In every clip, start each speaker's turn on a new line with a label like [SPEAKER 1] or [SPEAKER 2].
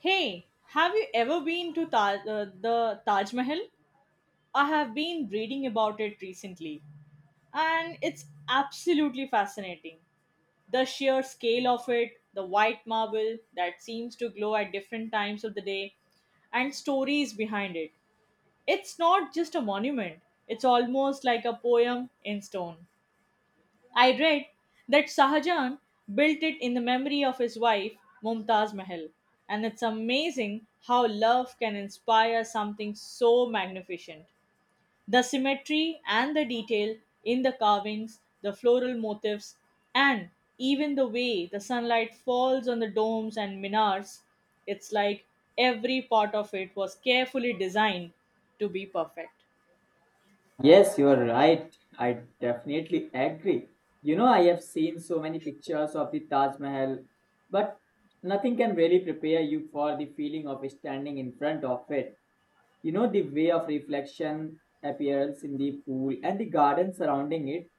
[SPEAKER 1] Hey, have you ever been to the Taj Mahal? I have been reading about it recently, and it's absolutely fascinating. The sheer scale of it, the white marble that seems to glow at different times of the day, and stories behind it. It's not just a monument, it's almost like a poem in stone. I read that Sahajan built it in the memory of his wife, Mumtaz Mahal, and it's amazing how love can inspire something so magnificent. The symmetry and the detail in the carvings, the floral motifs, and even the way the sunlight falls on the domes and minars, it's like every part of it was carefully designed to be perfect.
[SPEAKER 2] Yes, you are right. I definitely agree. You know, I have seen so many pictures of the Taj Mahal, but nothing can really prepare you for the feeling of standing in front of it. You know, the way of reflection appears in the pool and the garden surrounding it,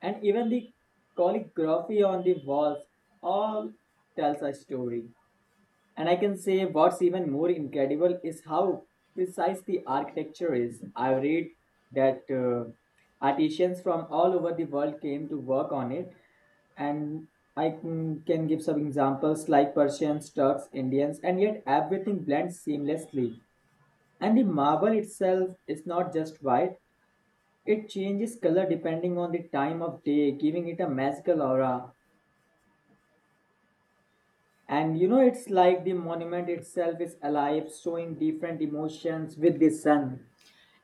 [SPEAKER 2] and even the calligraphy on the walls all tells a story. And I can say what's even more incredible is how precise the architecture is. I read that artisans from all over the world came to work on it, and I can give some examples like Persians, Turks, Indians, and yet everything blends seamlessly. And the marble itself is not just white, it changes color depending on the time of day, giving it a magical aura. And you know, it's like the monument itself is alive, showing different emotions with the sun.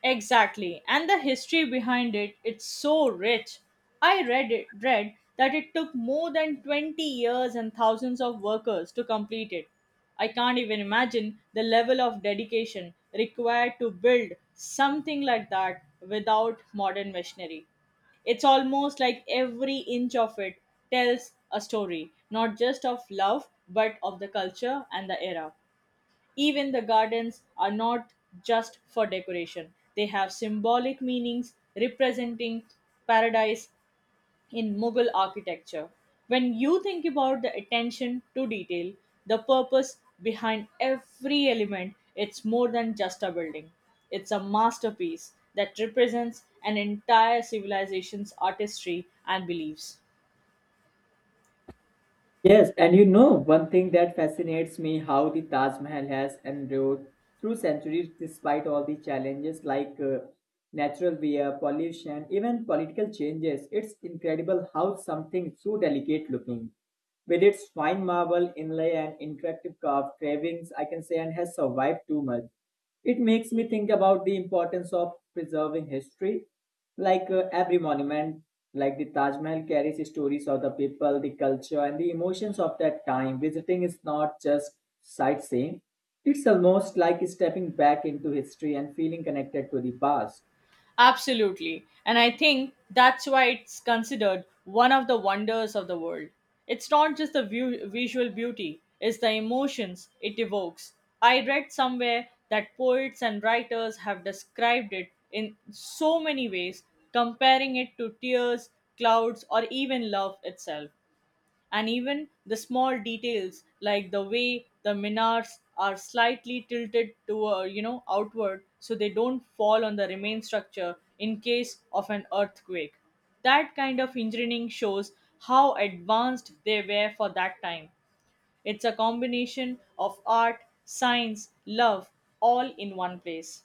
[SPEAKER 1] Exactly. And the history behind it, it's so rich. I read that it took more than 20 years and thousands of workers to complete it. I can't even imagine the level of dedication required to build something like that without modern machinery. It's almost like every inch of it tells a story, not just of love, but of the culture and the era. Even the gardens are not just for decoration, they have symbolic meanings representing paradise in Mughal architecture. When you think about the attention to detail, the purpose behind every element, it's more than just a building. It's a masterpiece that represents an entire civilization's artistry and beliefs.
[SPEAKER 2] Yes, and you know, one thing that fascinates me how the Taj Mahal has endured through centuries despite all the challenges like natural wear, pollution, even political changes. It's incredible how something so delicate looking, with its fine marble inlay and interactive carved carvings, I can say, and has survived too much. It makes me think about the importance of preserving history. Like every monument, like the Taj Mahal carries stories of the people, the culture, and the emotions of that time. Visiting is not just sightseeing, it's almost like stepping back into history and feeling connected to the past.
[SPEAKER 1] Absolutely. And I think that's why it's considered one of the wonders of the world. It's not just the visual beauty, it's the emotions it evokes. I read somewhere that poets and writers have described it in so many ways, comparing it to tears, clouds, or even love itself. And even the small details, like the way the minars are slightly tilted to outward so they don't fall on the remain structure in case of an earthquake, that kind of engineering shows how advanced they were for that time. It's a combination of art, science, love, all in one place.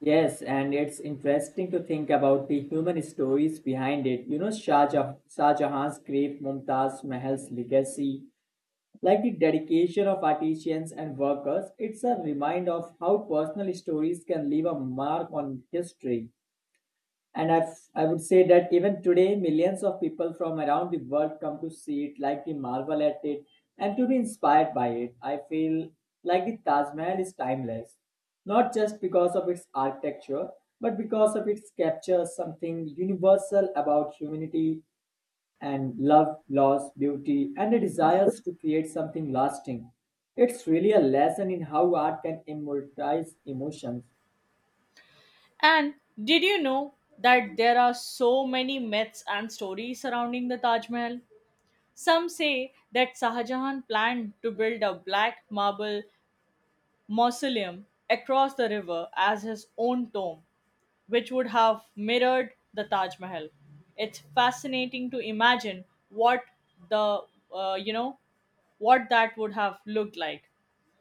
[SPEAKER 2] Yes, and it's interesting to think about the human stories behind it. You know, Shah Jahan's grief, Mumtaz Mahal's legacy, like the dedication of artisans and workers, it's a reminder of how personal stories can leave a mark on history. And I would say that even today, millions of people from around the world come to see it, like to marvel at it, and to be inspired by it. I feel like the Taj Mahal is timeless, not just because of its architecture, but because of its capture something universal about humanity and love, loss, beauty, and the desires to create something lasting. It's really a lesson in how art can immortalize emotions.
[SPEAKER 1] And did you know that there are so many myths and stories surrounding the Taj Mahal? Some say that Sahajahan planned to build a black marble mausoleum across the river as his own tomb, which would have mirrored the Taj Mahal. It's fascinating to imagine what the you know what that would have looked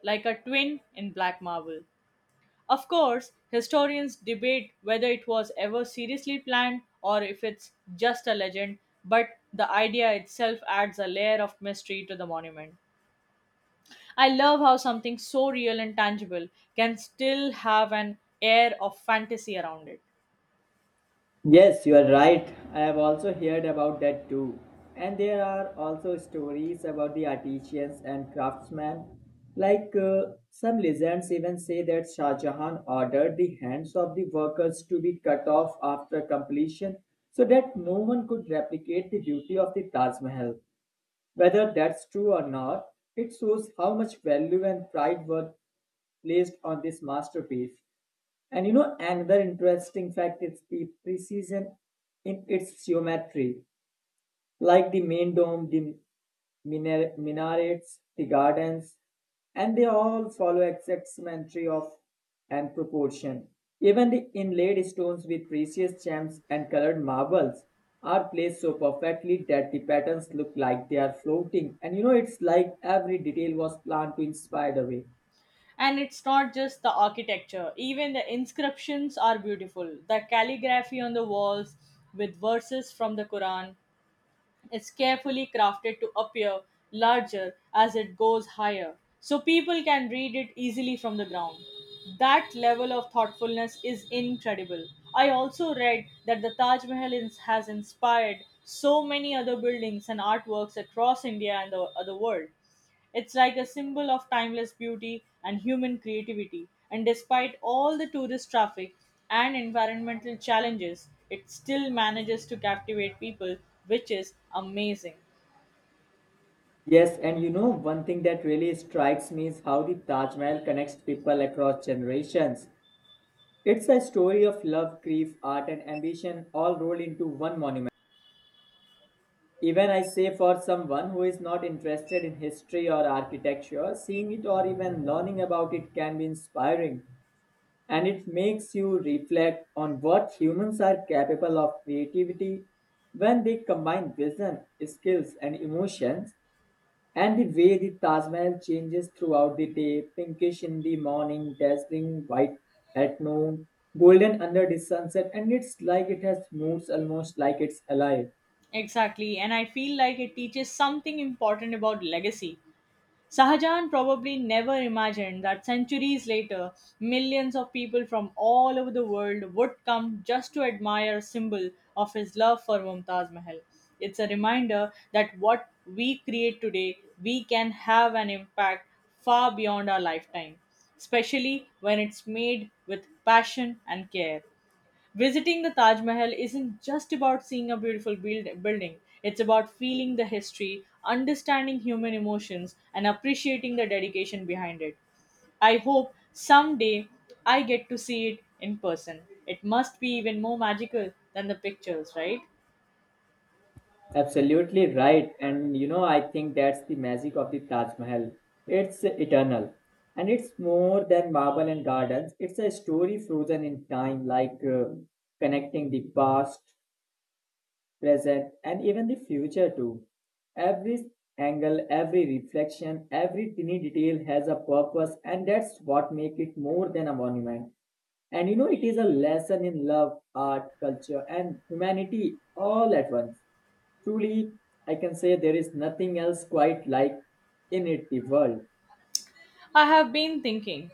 [SPEAKER 1] like a twin in black marble. Of course, historians debate whether it was ever seriously planned or if it's just a legend, but the idea itself adds a layer of mystery to the monument. I love how something so real and tangible can still have an air of fantasy around it.
[SPEAKER 2] Yes, you are right. I have also heard about that too. And there are also stories about the artisans and craftsmen. Like some legends even say that Shah Jahan ordered the hands of the workers to be cut off after completion so that no one could replicate the beauty of the Taj Mahal. Whether that's true or not, it shows how much value and pride were placed on this masterpiece. And you know, another interesting fact is the precision in its geometry like the main dome, the minarets, the gardens, and they all follow exact symmetry of and proportion. Even the inlaid stones with precious gems and colored marbles are placed so perfectly that the patterns look like they are floating. And you know, it's like every detail was planned to inspire the way.
[SPEAKER 1] And it's not just the architecture, even the inscriptions are beautiful. The calligraphy on the walls with verses from the Quran, it's carefully crafted to appear larger as it goes higher, so people can read it easily from the ground. That level of thoughtfulness is incredible. I also read that the Taj Mahal has inspired so many other buildings and artworks across India and the world. It's like a symbol of timeless beauty and human creativity. And despite all the tourist traffic and environmental challenges, it still manages to captivate people, which is amazing.
[SPEAKER 2] Yes, and you know, one thing that really strikes me is how the Taj Mahal connects people across generations. It's a story of love, grief, art, and ambition all rolled into one monument. Even I say for someone who is not interested in history or architecture, seeing it or even learning about it can be inspiring. And it makes you reflect on what humans are capable of creativity when they combine vision, skills, and emotions. And the way the Taj Mahal changes throughout the day, pinkish in the morning, dazzling white at noon, golden under the sunset, and it's like it has moods almost like it's alive.
[SPEAKER 1] Exactly, and I feel like it teaches something important about legacy. Sahajan probably never imagined that centuries later, millions of people from all over the world would come just to admire a symbol of his love for Mumtaz Mahal. It's a reminder that what we create today, we can have an impact far beyond our lifetime, especially when it's made with passion and care. Visiting the Taj Mahal isn't just about seeing a building, it's about feeling the history, understanding human emotions, and appreciating the dedication behind it. I hope someday I get to see it in person. It must be even more magical than the pictures, right?
[SPEAKER 2] Absolutely right. And you know, I think that's the magic of the Taj Mahal. It's eternal. And it's more than marble and gardens. It's a story frozen in time, like connecting the past present, and even the future too. Every angle, every reflection, every tiny detail has a purpose, and that's what makes it more than a monument. And you know, it is a lesson in love, art, culture, and humanity all at once. Truly, I can say there is nothing else quite like in it the world.
[SPEAKER 1] I have been thinking,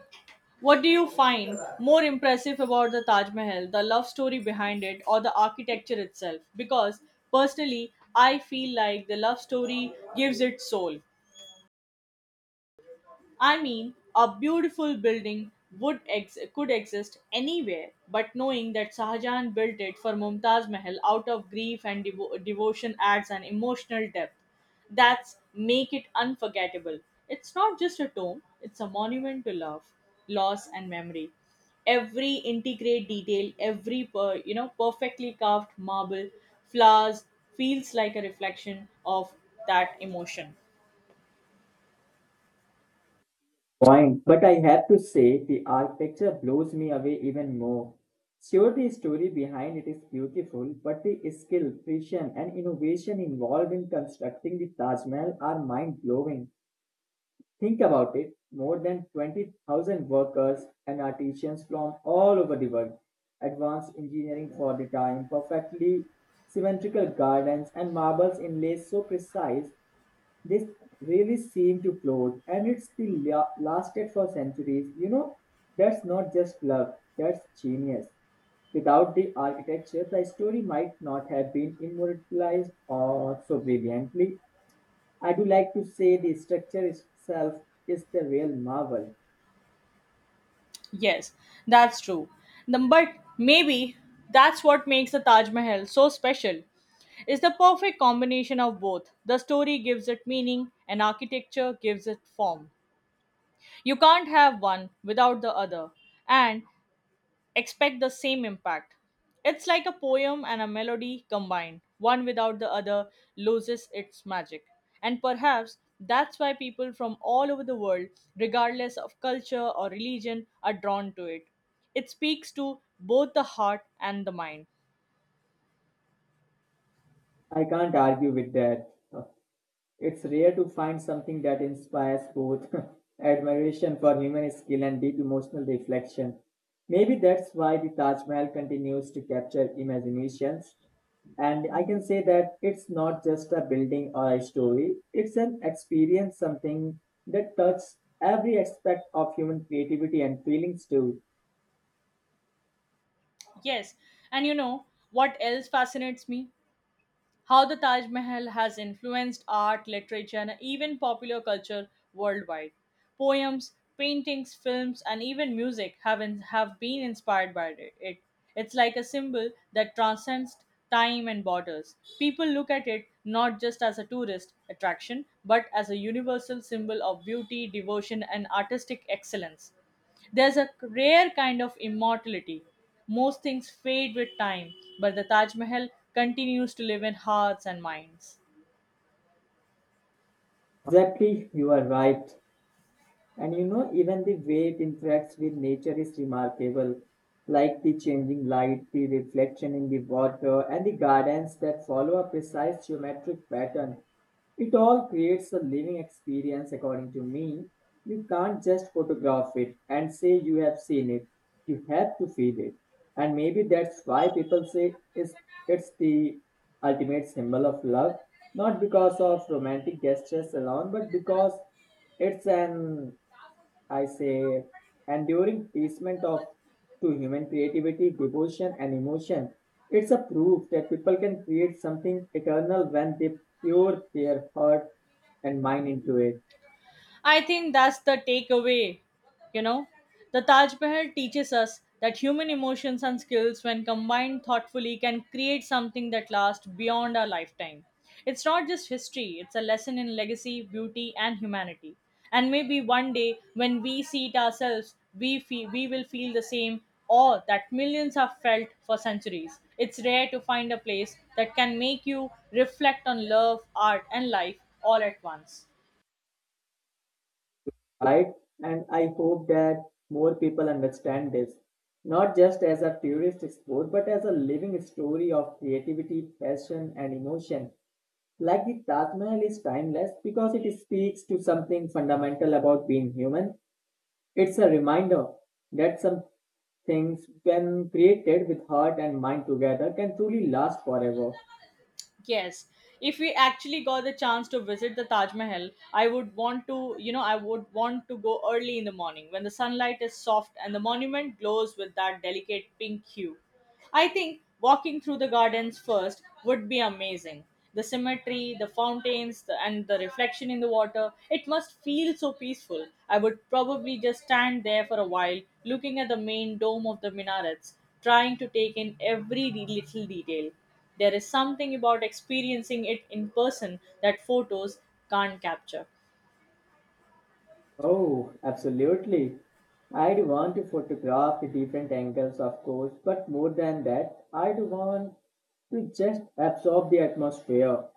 [SPEAKER 1] what do you find more impressive about the Taj Mahal, the love story behind it, or the architecture itself? Because personally, I feel like the love story gives it soul. I mean, a beautiful building could exist anywhere, but knowing that Shahjahan built it for Mumtaz Mahal out of grief and devotion adds an emotional depth that's make it unforgettable. It's not just a tomb, it's a monument to love, loss and memory. Every intricate detail, every per, you know perfectly carved marble, flowers, feels like a reflection of that emotion.
[SPEAKER 2] Point. But I have to say, the architecture blows me away even more. Sure, the story behind it is beautiful, but the skill, precision, and innovation involved in constructing the Taj Mahal are mind blowing. Think about it more than 20,000 workers and artisans from all over the world, advanced engineering for the time, perfectly symmetrical gardens, and marbles inlays so precise this really seemed to float, and it's still lasted for centuries. You know, that's not just luck, that's genius. Without the architecture, the story might not have been immortalized or so brilliantly. I do like to say the structure itself is the real marvel.
[SPEAKER 1] Yes, that's true. But maybe that's what makes the Taj Mahal so special. It's the perfect combination of both. The story gives it meaning, and architecture gives it form. You can't have one without the other. And expect the same impact. It's like a poem and a melody combined. One without the other loses its magic. And perhaps that's why people from all over the world, regardless of culture or religion, are drawn to it. It speaks to both the heart and the mind.
[SPEAKER 2] I can't argue with that. It's rare to find something that inspires both admiration for human skill and deep emotional reflection. Maybe that's why the Taj Mahal continues to capture imaginations. And I can say that it's not just a building or a story, it's an experience, something that touches every aspect of human creativity and feelings too.
[SPEAKER 1] Yes, and you know what else fascinates me? How the Taj Mahal has influenced art, literature, and even popular culture worldwide. Poems, paintings, films, and even music have been inspired by it. It's like a symbol that transcends time and borders. People look at it not just as a tourist attraction, but as a universal symbol of beauty, devotion, and artistic excellence. There's a rare kind of immortality. Most things fade with time, but the Taj Mahal continues to live in hearts and minds.
[SPEAKER 2] Exactly, you are right. And you know, even the way it interacts with nature is remarkable, like the changing light, the reflection in the water, and the gardens that follow a precise geometric pattern. It all creates a living experience, according to me. You can't just photograph it and say you have seen it. You have to feel it. And maybe that's why people say it's the ultimate symbol of love, not because of romantic gestures alone, but because it's an I say, and during placement of to human creativity, devotion, and emotion. It's a proof that people can create something eternal when they pour their heart and mind into it,
[SPEAKER 1] I think that's the takeaway. You know, the Taj Mahal teaches us that human emotions and skills, when combined thoughtfully, can create something that lasts beyond our lifetime. It's not just history, it's a lesson in legacy, beauty, and humanity. And maybe one day, when we see it ourselves, we will feel the same awe that millions have felt for centuries. It's rare to find a place that can make you reflect on love, art, and life all at once.
[SPEAKER 2] right? And I hope that more people understand this, not just as a tourist sport, but as a living story of creativity, passion, and emotion. Like the Taj Mahal is timeless because it speaks to something fundamental about being human. It's a reminder that some things, when created with heart and mind together, can truly last forever.
[SPEAKER 1] Yes. If we actually got the chance to visit the Taj Mahal, I would want to, I would want to go early in the morning when the sunlight is soft and the monument glows with that delicate pink hue. I think walking through the gardens first would be amazing. The symmetry, the fountains, and the reflection in the water, it must feel so peaceful. I would probably just stand there for a while, looking at the main dome of the minarets, trying to take in every little detail. There is something about experiencing it in person that photos can't capture.
[SPEAKER 2] Oh, absolutely. I'd want to photograph the different angles, of course, but more than that, I'd want to just absorb the atmosphere.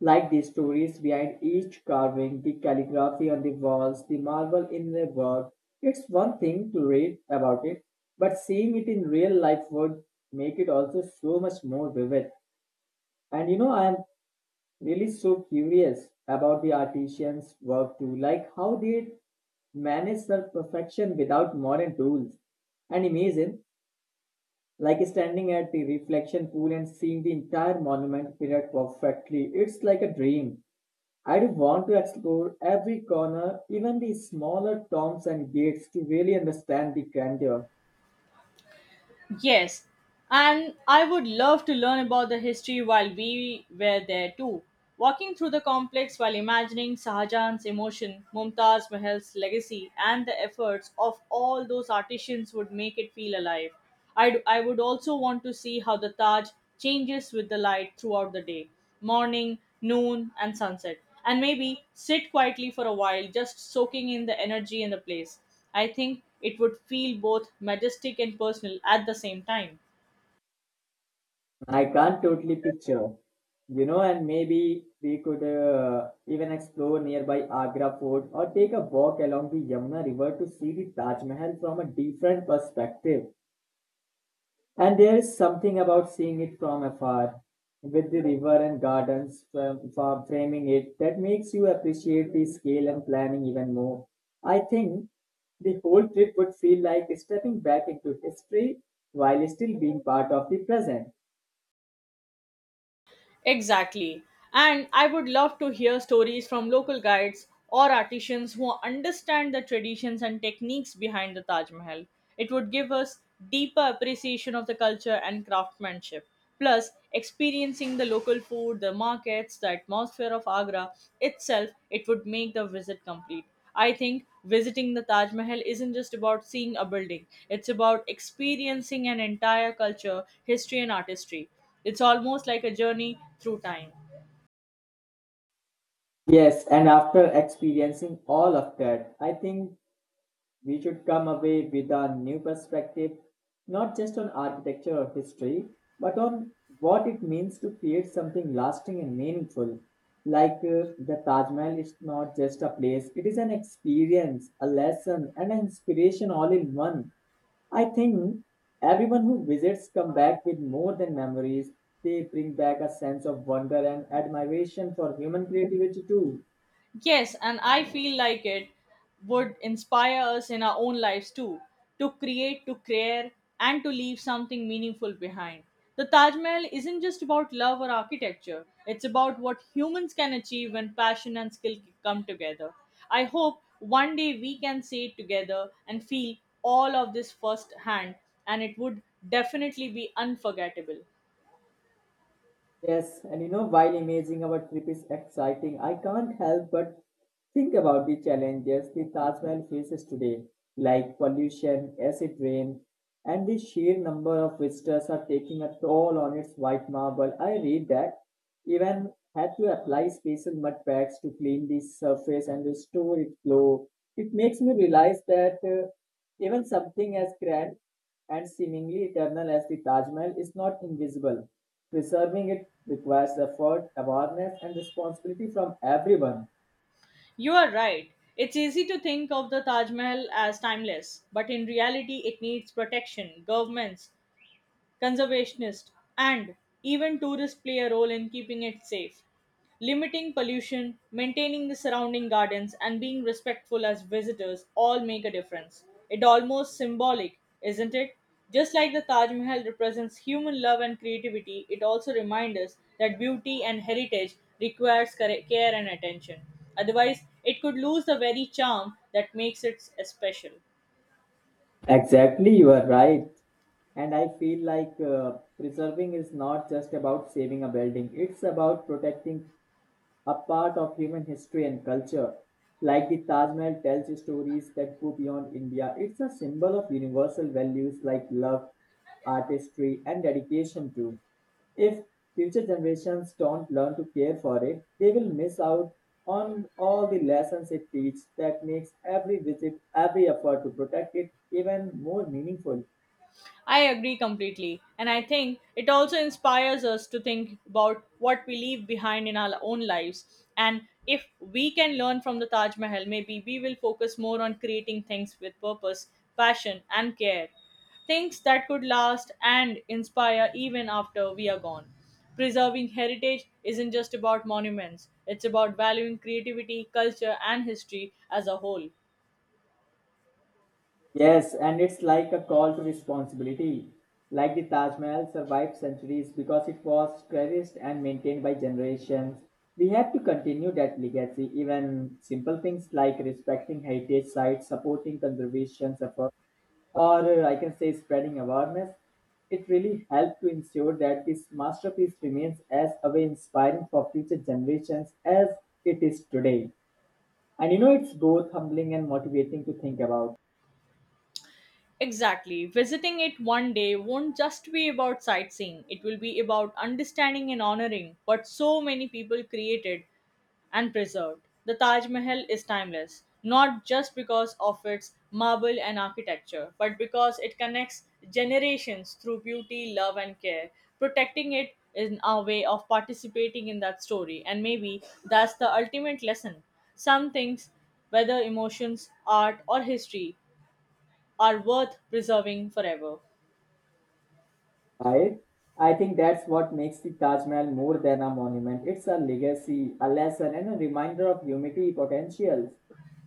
[SPEAKER 2] Like the stories behind each carving, the calligraphy on the walls, the marble in the work. It's one thing to read about it, but seeing it in real life would make it also so much more vivid. And you know, I'm really so curious about the artisans' work too, like how they manage their perfection without modern tools. And imagine, like standing at the reflection pool and seeing the entire monument period perfectly. It's like a dream. I do want to explore every corner, even the smaller tombs and gates, to really understand the grandeur.
[SPEAKER 1] Yes, and I would love to learn about the history while we were there too. Walking through the complex while imagining Sahajan's emotion, Mumtaz Mahal's legacy, and the efforts of all those artisans would make it feel alive. I would also want to see how the Taj changes with the light throughout the day, morning, noon, and sunset, and maybe sit quietly for a while, just soaking in the energy in the place. I think it would feel both majestic and personal at the same time.
[SPEAKER 2] I can't totally picture, you know, and maybe we could even explore nearby Agra Fort or take a walk along the Yamuna River to see the Taj Mahal from a different perspective. And there is something about seeing it from afar, with the river and gardens framing it, that makes you appreciate the scale and planning even more. I think the whole trip would feel like stepping back into history while still being part of the present.
[SPEAKER 1] Exactly. And I would love to hear stories from local guides or artisans who understand the traditions and techniques behind the Taj Mahal. It would give us deeper appreciation of the culture and craftsmanship. Plus, experiencing the local food, the markets, the atmosphere of Agra itself, it would make the visit complete. I think visiting the Taj Mahal isn't just about seeing a building, it's about experiencing an entire culture, history, and artistry. It's almost like a journey through time.
[SPEAKER 2] Yes, and after experiencing all of that, I think we should come away with a new perspective, not just on architecture or history, but on what it means to create something lasting and meaningful. Like the Taj Mahal is not just a place, it is an experience, a lesson, and an inspiration all in one. I think everyone who visits come back with more than memories. They bring back a sense of wonder and admiration for human creativity too.
[SPEAKER 1] Yes, and I feel like it would inspire us in our own lives too, to create, to care, and to leave something meaningful behind. The Taj Mahal isn't just about love or architecture, it's about what humans can achieve when passion and skill come together. I hope one day we can say it together and feel all of this firsthand, and it would definitely be unforgettable.
[SPEAKER 2] Yes, and you know, while imagining our trip is exciting, I can't help but think about the challenges the Taj Mahal faces today, like pollution, acid rain, and the sheer number of visitors are taking a toll on its white marble. I read that even had to apply special mud packs to clean the surface and restore its glow. It makes me realize that even something as grand and seemingly eternal as the Taj Mahal is not invisible. Preserving it requires effort, awareness, and responsibility from everyone.
[SPEAKER 1] You are right. It's easy to think of the Taj Mahal as timeless, but in reality, it needs protection. Governments, conservationists, and even tourists play a role in keeping it safe. Limiting pollution, maintaining the surrounding gardens, and being respectful as visitors all make a difference. It almost symbolic, isn't it? Just like the Taj Mahal represents human love and creativity, it also reminds us that beauty and heritage requires care and attention. Otherwise, it could lose the very charm that makes it special.
[SPEAKER 2] Exactly, you are right. And I feel like preserving is not just about saving a building, it's about protecting a part of human history and culture. Like the Taj Mahal tells stories that go beyond India, it's a symbol of universal values like love, artistry, and dedication too. If future generations don't learn to care for it, they will miss out on all the lessons it teaches that makes every visit, every effort to protect it even more meaningful.
[SPEAKER 1] I agree completely. And I think it also inspires us to think about what we leave behind in our own lives. And if we can learn from the Taj Mahal, maybe we will focus more on creating things with purpose, passion, and care. Things that could last and inspire even after we are gone. Preserving heritage isn't just about monuments, it's about valuing creativity, culture, and history as a whole.
[SPEAKER 2] Yes, and it's like a call to responsibility. Like the Taj Mahal survived centuries because it was cherished and maintained by generations. We have to continue that legacy. Even simple things like respecting heritage sites, supporting conservation effort, or I can say spreading awareness, it really helped to ensure that this masterpiece remains as away inspiring for future generations as it is today. And you know, it's both humbling and motivating to think about.
[SPEAKER 1] Exactly. Visiting it one day won't just be about sightseeing, it will be about understanding and honoring what so many people created and preserved. The Taj Mahal is timeless, not just because of its marble and architecture, but because it connects generations through beauty, love, and care. Protecting it is our way of participating in that story, and maybe that's the ultimate lesson. Some things, whether emotions, art, or history, are worth preserving forever.
[SPEAKER 2] Right? I think that's what makes the Taj Mahal more than a monument. It's a legacy, a lesson, and a reminder of humanity potential.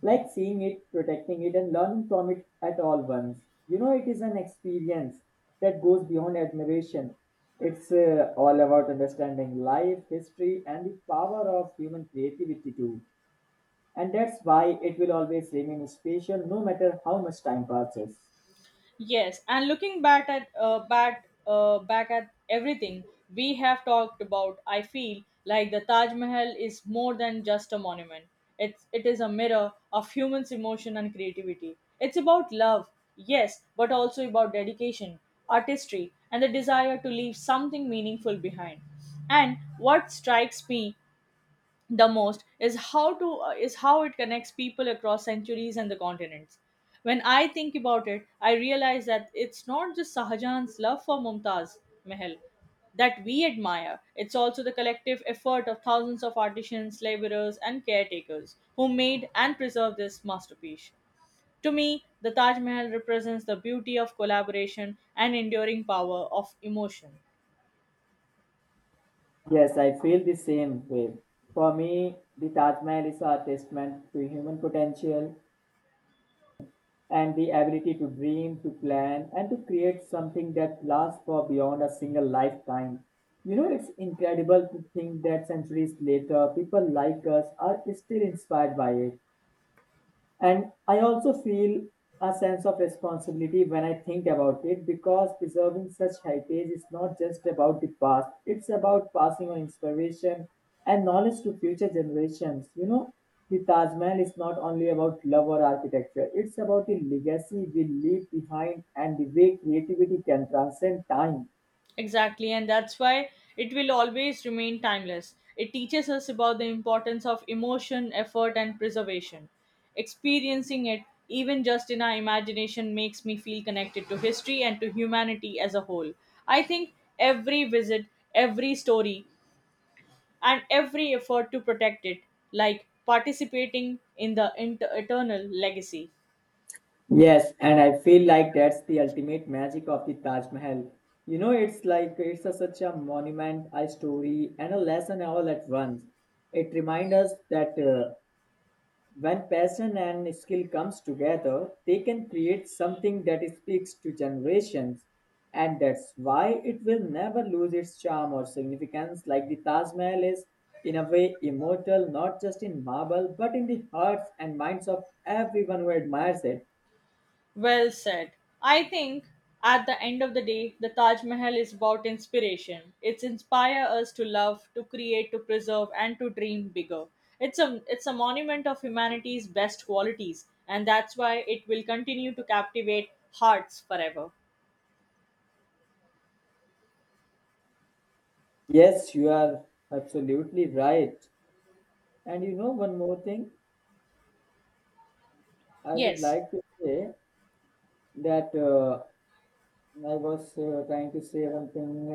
[SPEAKER 2] Like seeing it, protecting it, and learning from it at all once. You know, it is an experience that goes beyond admiration. It's all about understanding life, history, and the power of human creativity, too. And that's why it will always remain special no matter how much time passes.
[SPEAKER 1] Yes, and looking back at back back at everything we have talked about, I feel like the Taj Mahal is more than just a monument. It is a mirror of humans' emotion and creativity. It's about love, yes, but also about dedication, artistry, and the desire to leave something meaningful behind. And what strikes me the most is how to is how it connects people across centuries and the continents. When I think about it, I realize that it's not just Sahajan's love for Mumtaz Mahal that we admire. It's also the collective effort of thousands of artisans, laborers, and caretakers who made and preserved this masterpiece. To me, the Taj Mahal represents the beauty of collaboration and enduring power of emotion.
[SPEAKER 2] Yes, I feel the same way. For me, the Taj Mahal is a testament to human potential and the ability to dream, to plan, and to create something that lasts for beyond a single lifetime. You know, it's incredible to think that centuries later, people like us are still inspired by it. And I also feel a sense of responsibility when I think about it because preserving such heritage is not just about the past, it's about passing on inspiration and knowledge to future generations. You know, the Taj Mahal is not only about love or architecture, it's about the legacy we leave behind and the way creativity can transcend time.
[SPEAKER 1] Exactly, and that's why it will always remain timeless. It teaches us about the importance of emotion, effort, and preservation. Experiencing it, even just in our imagination, makes me feel connected to history and to humanity as a whole. I think every visit, every story, and every effort to protect it, like participating in the eternal legacy.
[SPEAKER 2] Yes, and I feel like that's the ultimate magic of the Taj Mahal. You know, it's like such a monument, a story, and a lesson all at once. It reminds us that when passion and skill comes together, they can create something that speaks to generations, and that's why it will never lose its charm or significance. Like the Taj Mahal is, in a way, immortal, not just in marble, but in the hearts and minds of everyone who admires it.
[SPEAKER 1] Well said. I think at the end of the day, the Taj Mahal is about inspiration. It's inspire us to love, to create, to preserve, and to dream bigger. It's a monument of humanity's best qualities, and that's why it will continue to captivate hearts forever.
[SPEAKER 2] Yes, you are absolutely right. And you know, one more thing, I would
[SPEAKER 1] Yes,
[SPEAKER 2] like to say that I was trying to say something.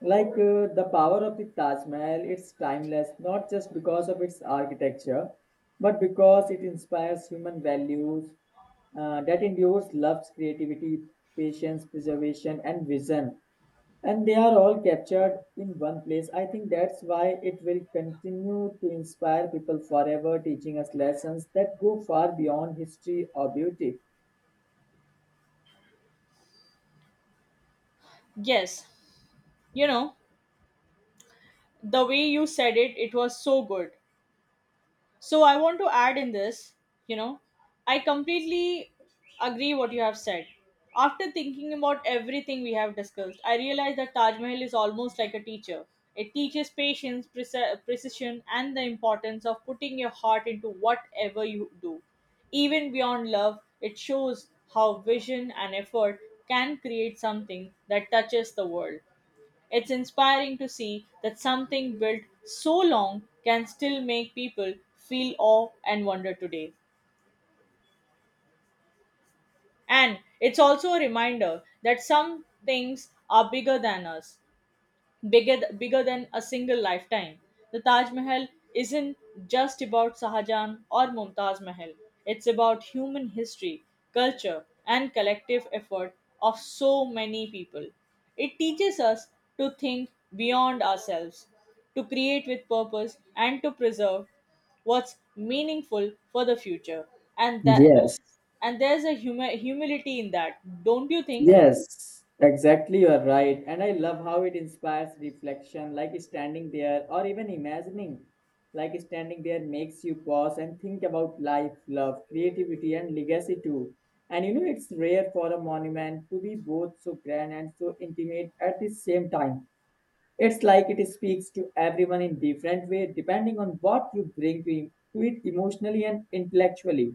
[SPEAKER 2] Like the power of the Taj Mahal, it's timeless not just because of its architecture, but because it inspires human values that endures love's creativity, patience, preservation, and vision. And they are all captured in one place. I think that's why it will continue to inspire people forever, teaching us lessons that go far beyond history or beauty.
[SPEAKER 1] yes. You know, the way you said it, it was so good. So I want to add in this, you know, I completely agree what you have said. After thinking about everything we have discussed, I realize that Taj Mahal is almost like a teacher. It teaches patience, precision, and the importance of putting your heart into whatever you do. Even beyond love, it shows how vision and effort can create something that touches the world. It's inspiring to see that something built so long can still make people feel awe and wonder today. And it's also a reminder that some things are bigger than us, bigger than a single lifetime. The Taj Mahal isn't just about Shah Jahan or Mumtaz Mahal. It's about human history, culture, and collective effort of so many people. It teaches us to think beyond ourselves, to create with purpose, and to preserve what's meaningful for the future. And that,
[SPEAKER 2] Yes.
[SPEAKER 1] and there's a humility in that, don't you think?
[SPEAKER 2] Yes, exactly. You are right. And I love how it inspires reflection, like standing there or even imagining. Like standing there makes you pause and think about life, love, creativity, and legacy too. And you know, it's rare for a monument to be both so grand and so intimate at the same time. It's like it speaks to everyone in different way, depending on what you bring to it emotionally and intellectually.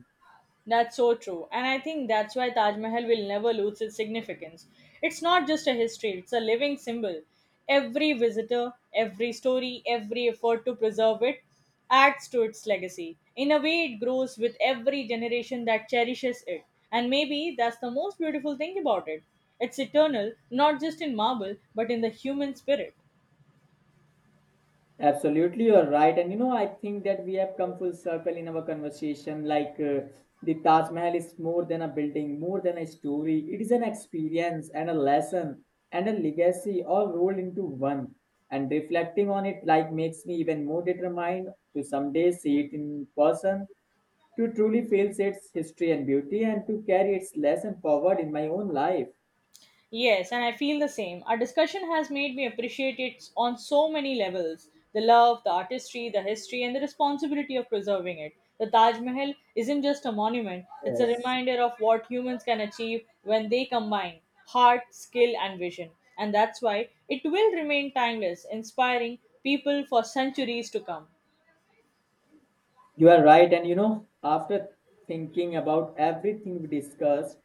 [SPEAKER 1] That's so true. And I think that's why Taj Mahal will never lose its significance. It's not just a history, it's a living symbol. Every visitor, every story, every effort to preserve it adds to its legacy. In a way, it grows with every generation that cherishes it. And maybe that's the most beautiful thing about it. It's eternal, not just in marble, but in the human spirit.
[SPEAKER 2] Absolutely, you're right. And you know, I think that we have come full circle in our conversation. Like the Taj Mahal is more than a building, more than a story. It is an experience and a lesson and a legacy all rolled into one. And reflecting on it, like, makes me even more determined to someday see it in person, to truly feel its history and beauty, and to carry its lesson forward in my own life.
[SPEAKER 1] Yes, and I feel the same. Our discussion has made me appreciate it on so many levels: the love, the artistry, the history, and the responsibility of preserving it. The Taj Mahal isn't just a monument, it's a
[SPEAKER 2] Yes.
[SPEAKER 1] reminder of what humans can achieve when they combine heart, skill, and vision. And that's why it will remain timeless, inspiring people for centuries to come.
[SPEAKER 2] You are right. And you know, after thinking about everything we discussed,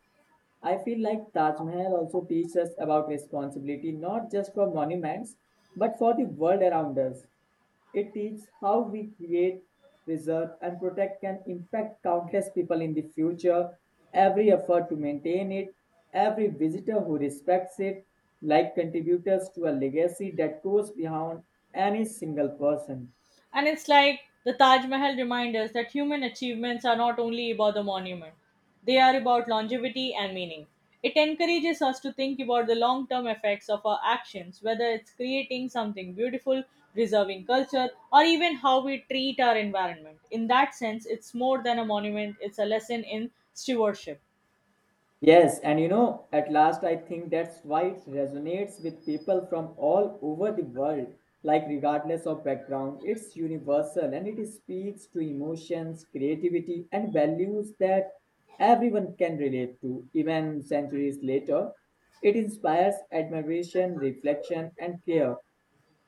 [SPEAKER 2] I feel like Taj Mahal also teaches us about responsibility not just for monuments but for the world around us. It teaches how we create, preserve, and protect can impact countless people in the future. Every effort to maintain it, every visitor who respects it, like contributors to a legacy that goes beyond any single person.
[SPEAKER 1] And it's like the Taj Mahal reminds us that human achievements are not only about the monument, they are about longevity and meaning. It encourages us to think about the long term effects of our actions, whether it's creating something beautiful, preserving culture, or even how we treat our environment. In that sense, it's more than a monument, it's a lesson in stewardship.
[SPEAKER 2] Yes, and you know, at last I think that's why it resonates with people from all over the world. Like, regardless of background, it's universal and it speaks to emotions, creativity, and values that everyone can relate to, even centuries later. It inspires admiration, reflection, and care.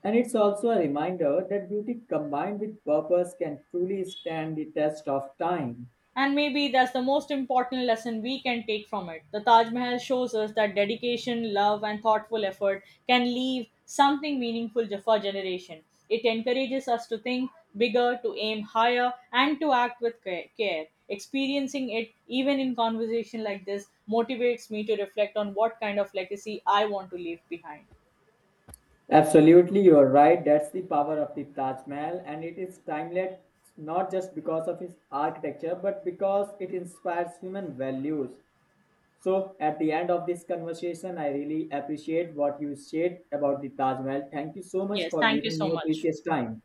[SPEAKER 2] And it's also a reminder that beauty combined with purpose can truly stand the test of time.
[SPEAKER 1] And maybe that's the most important lesson we can take from it. The Taj Mahal shows us that dedication, love, and thoughtful effort can leave something meaningful for generation. It encourages us to think bigger, to aim higher, and to act with care. Experiencing it, even in conversation like this, motivates me to reflect on what kind of legacy I want to leave behind.
[SPEAKER 2] Absolutely, you are right. That's the power of the Taj Mahal, and it is timeless not just because of its architecture, but because it inspires human values. So, at the end of this conversation, I really appreciate what you shared about the Taj Mahal. Thank you so much
[SPEAKER 1] Yes,
[SPEAKER 2] for
[SPEAKER 1] thank you
[SPEAKER 2] giving me
[SPEAKER 1] so
[SPEAKER 2] your
[SPEAKER 1] much.
[SPEAKER 2] precious time.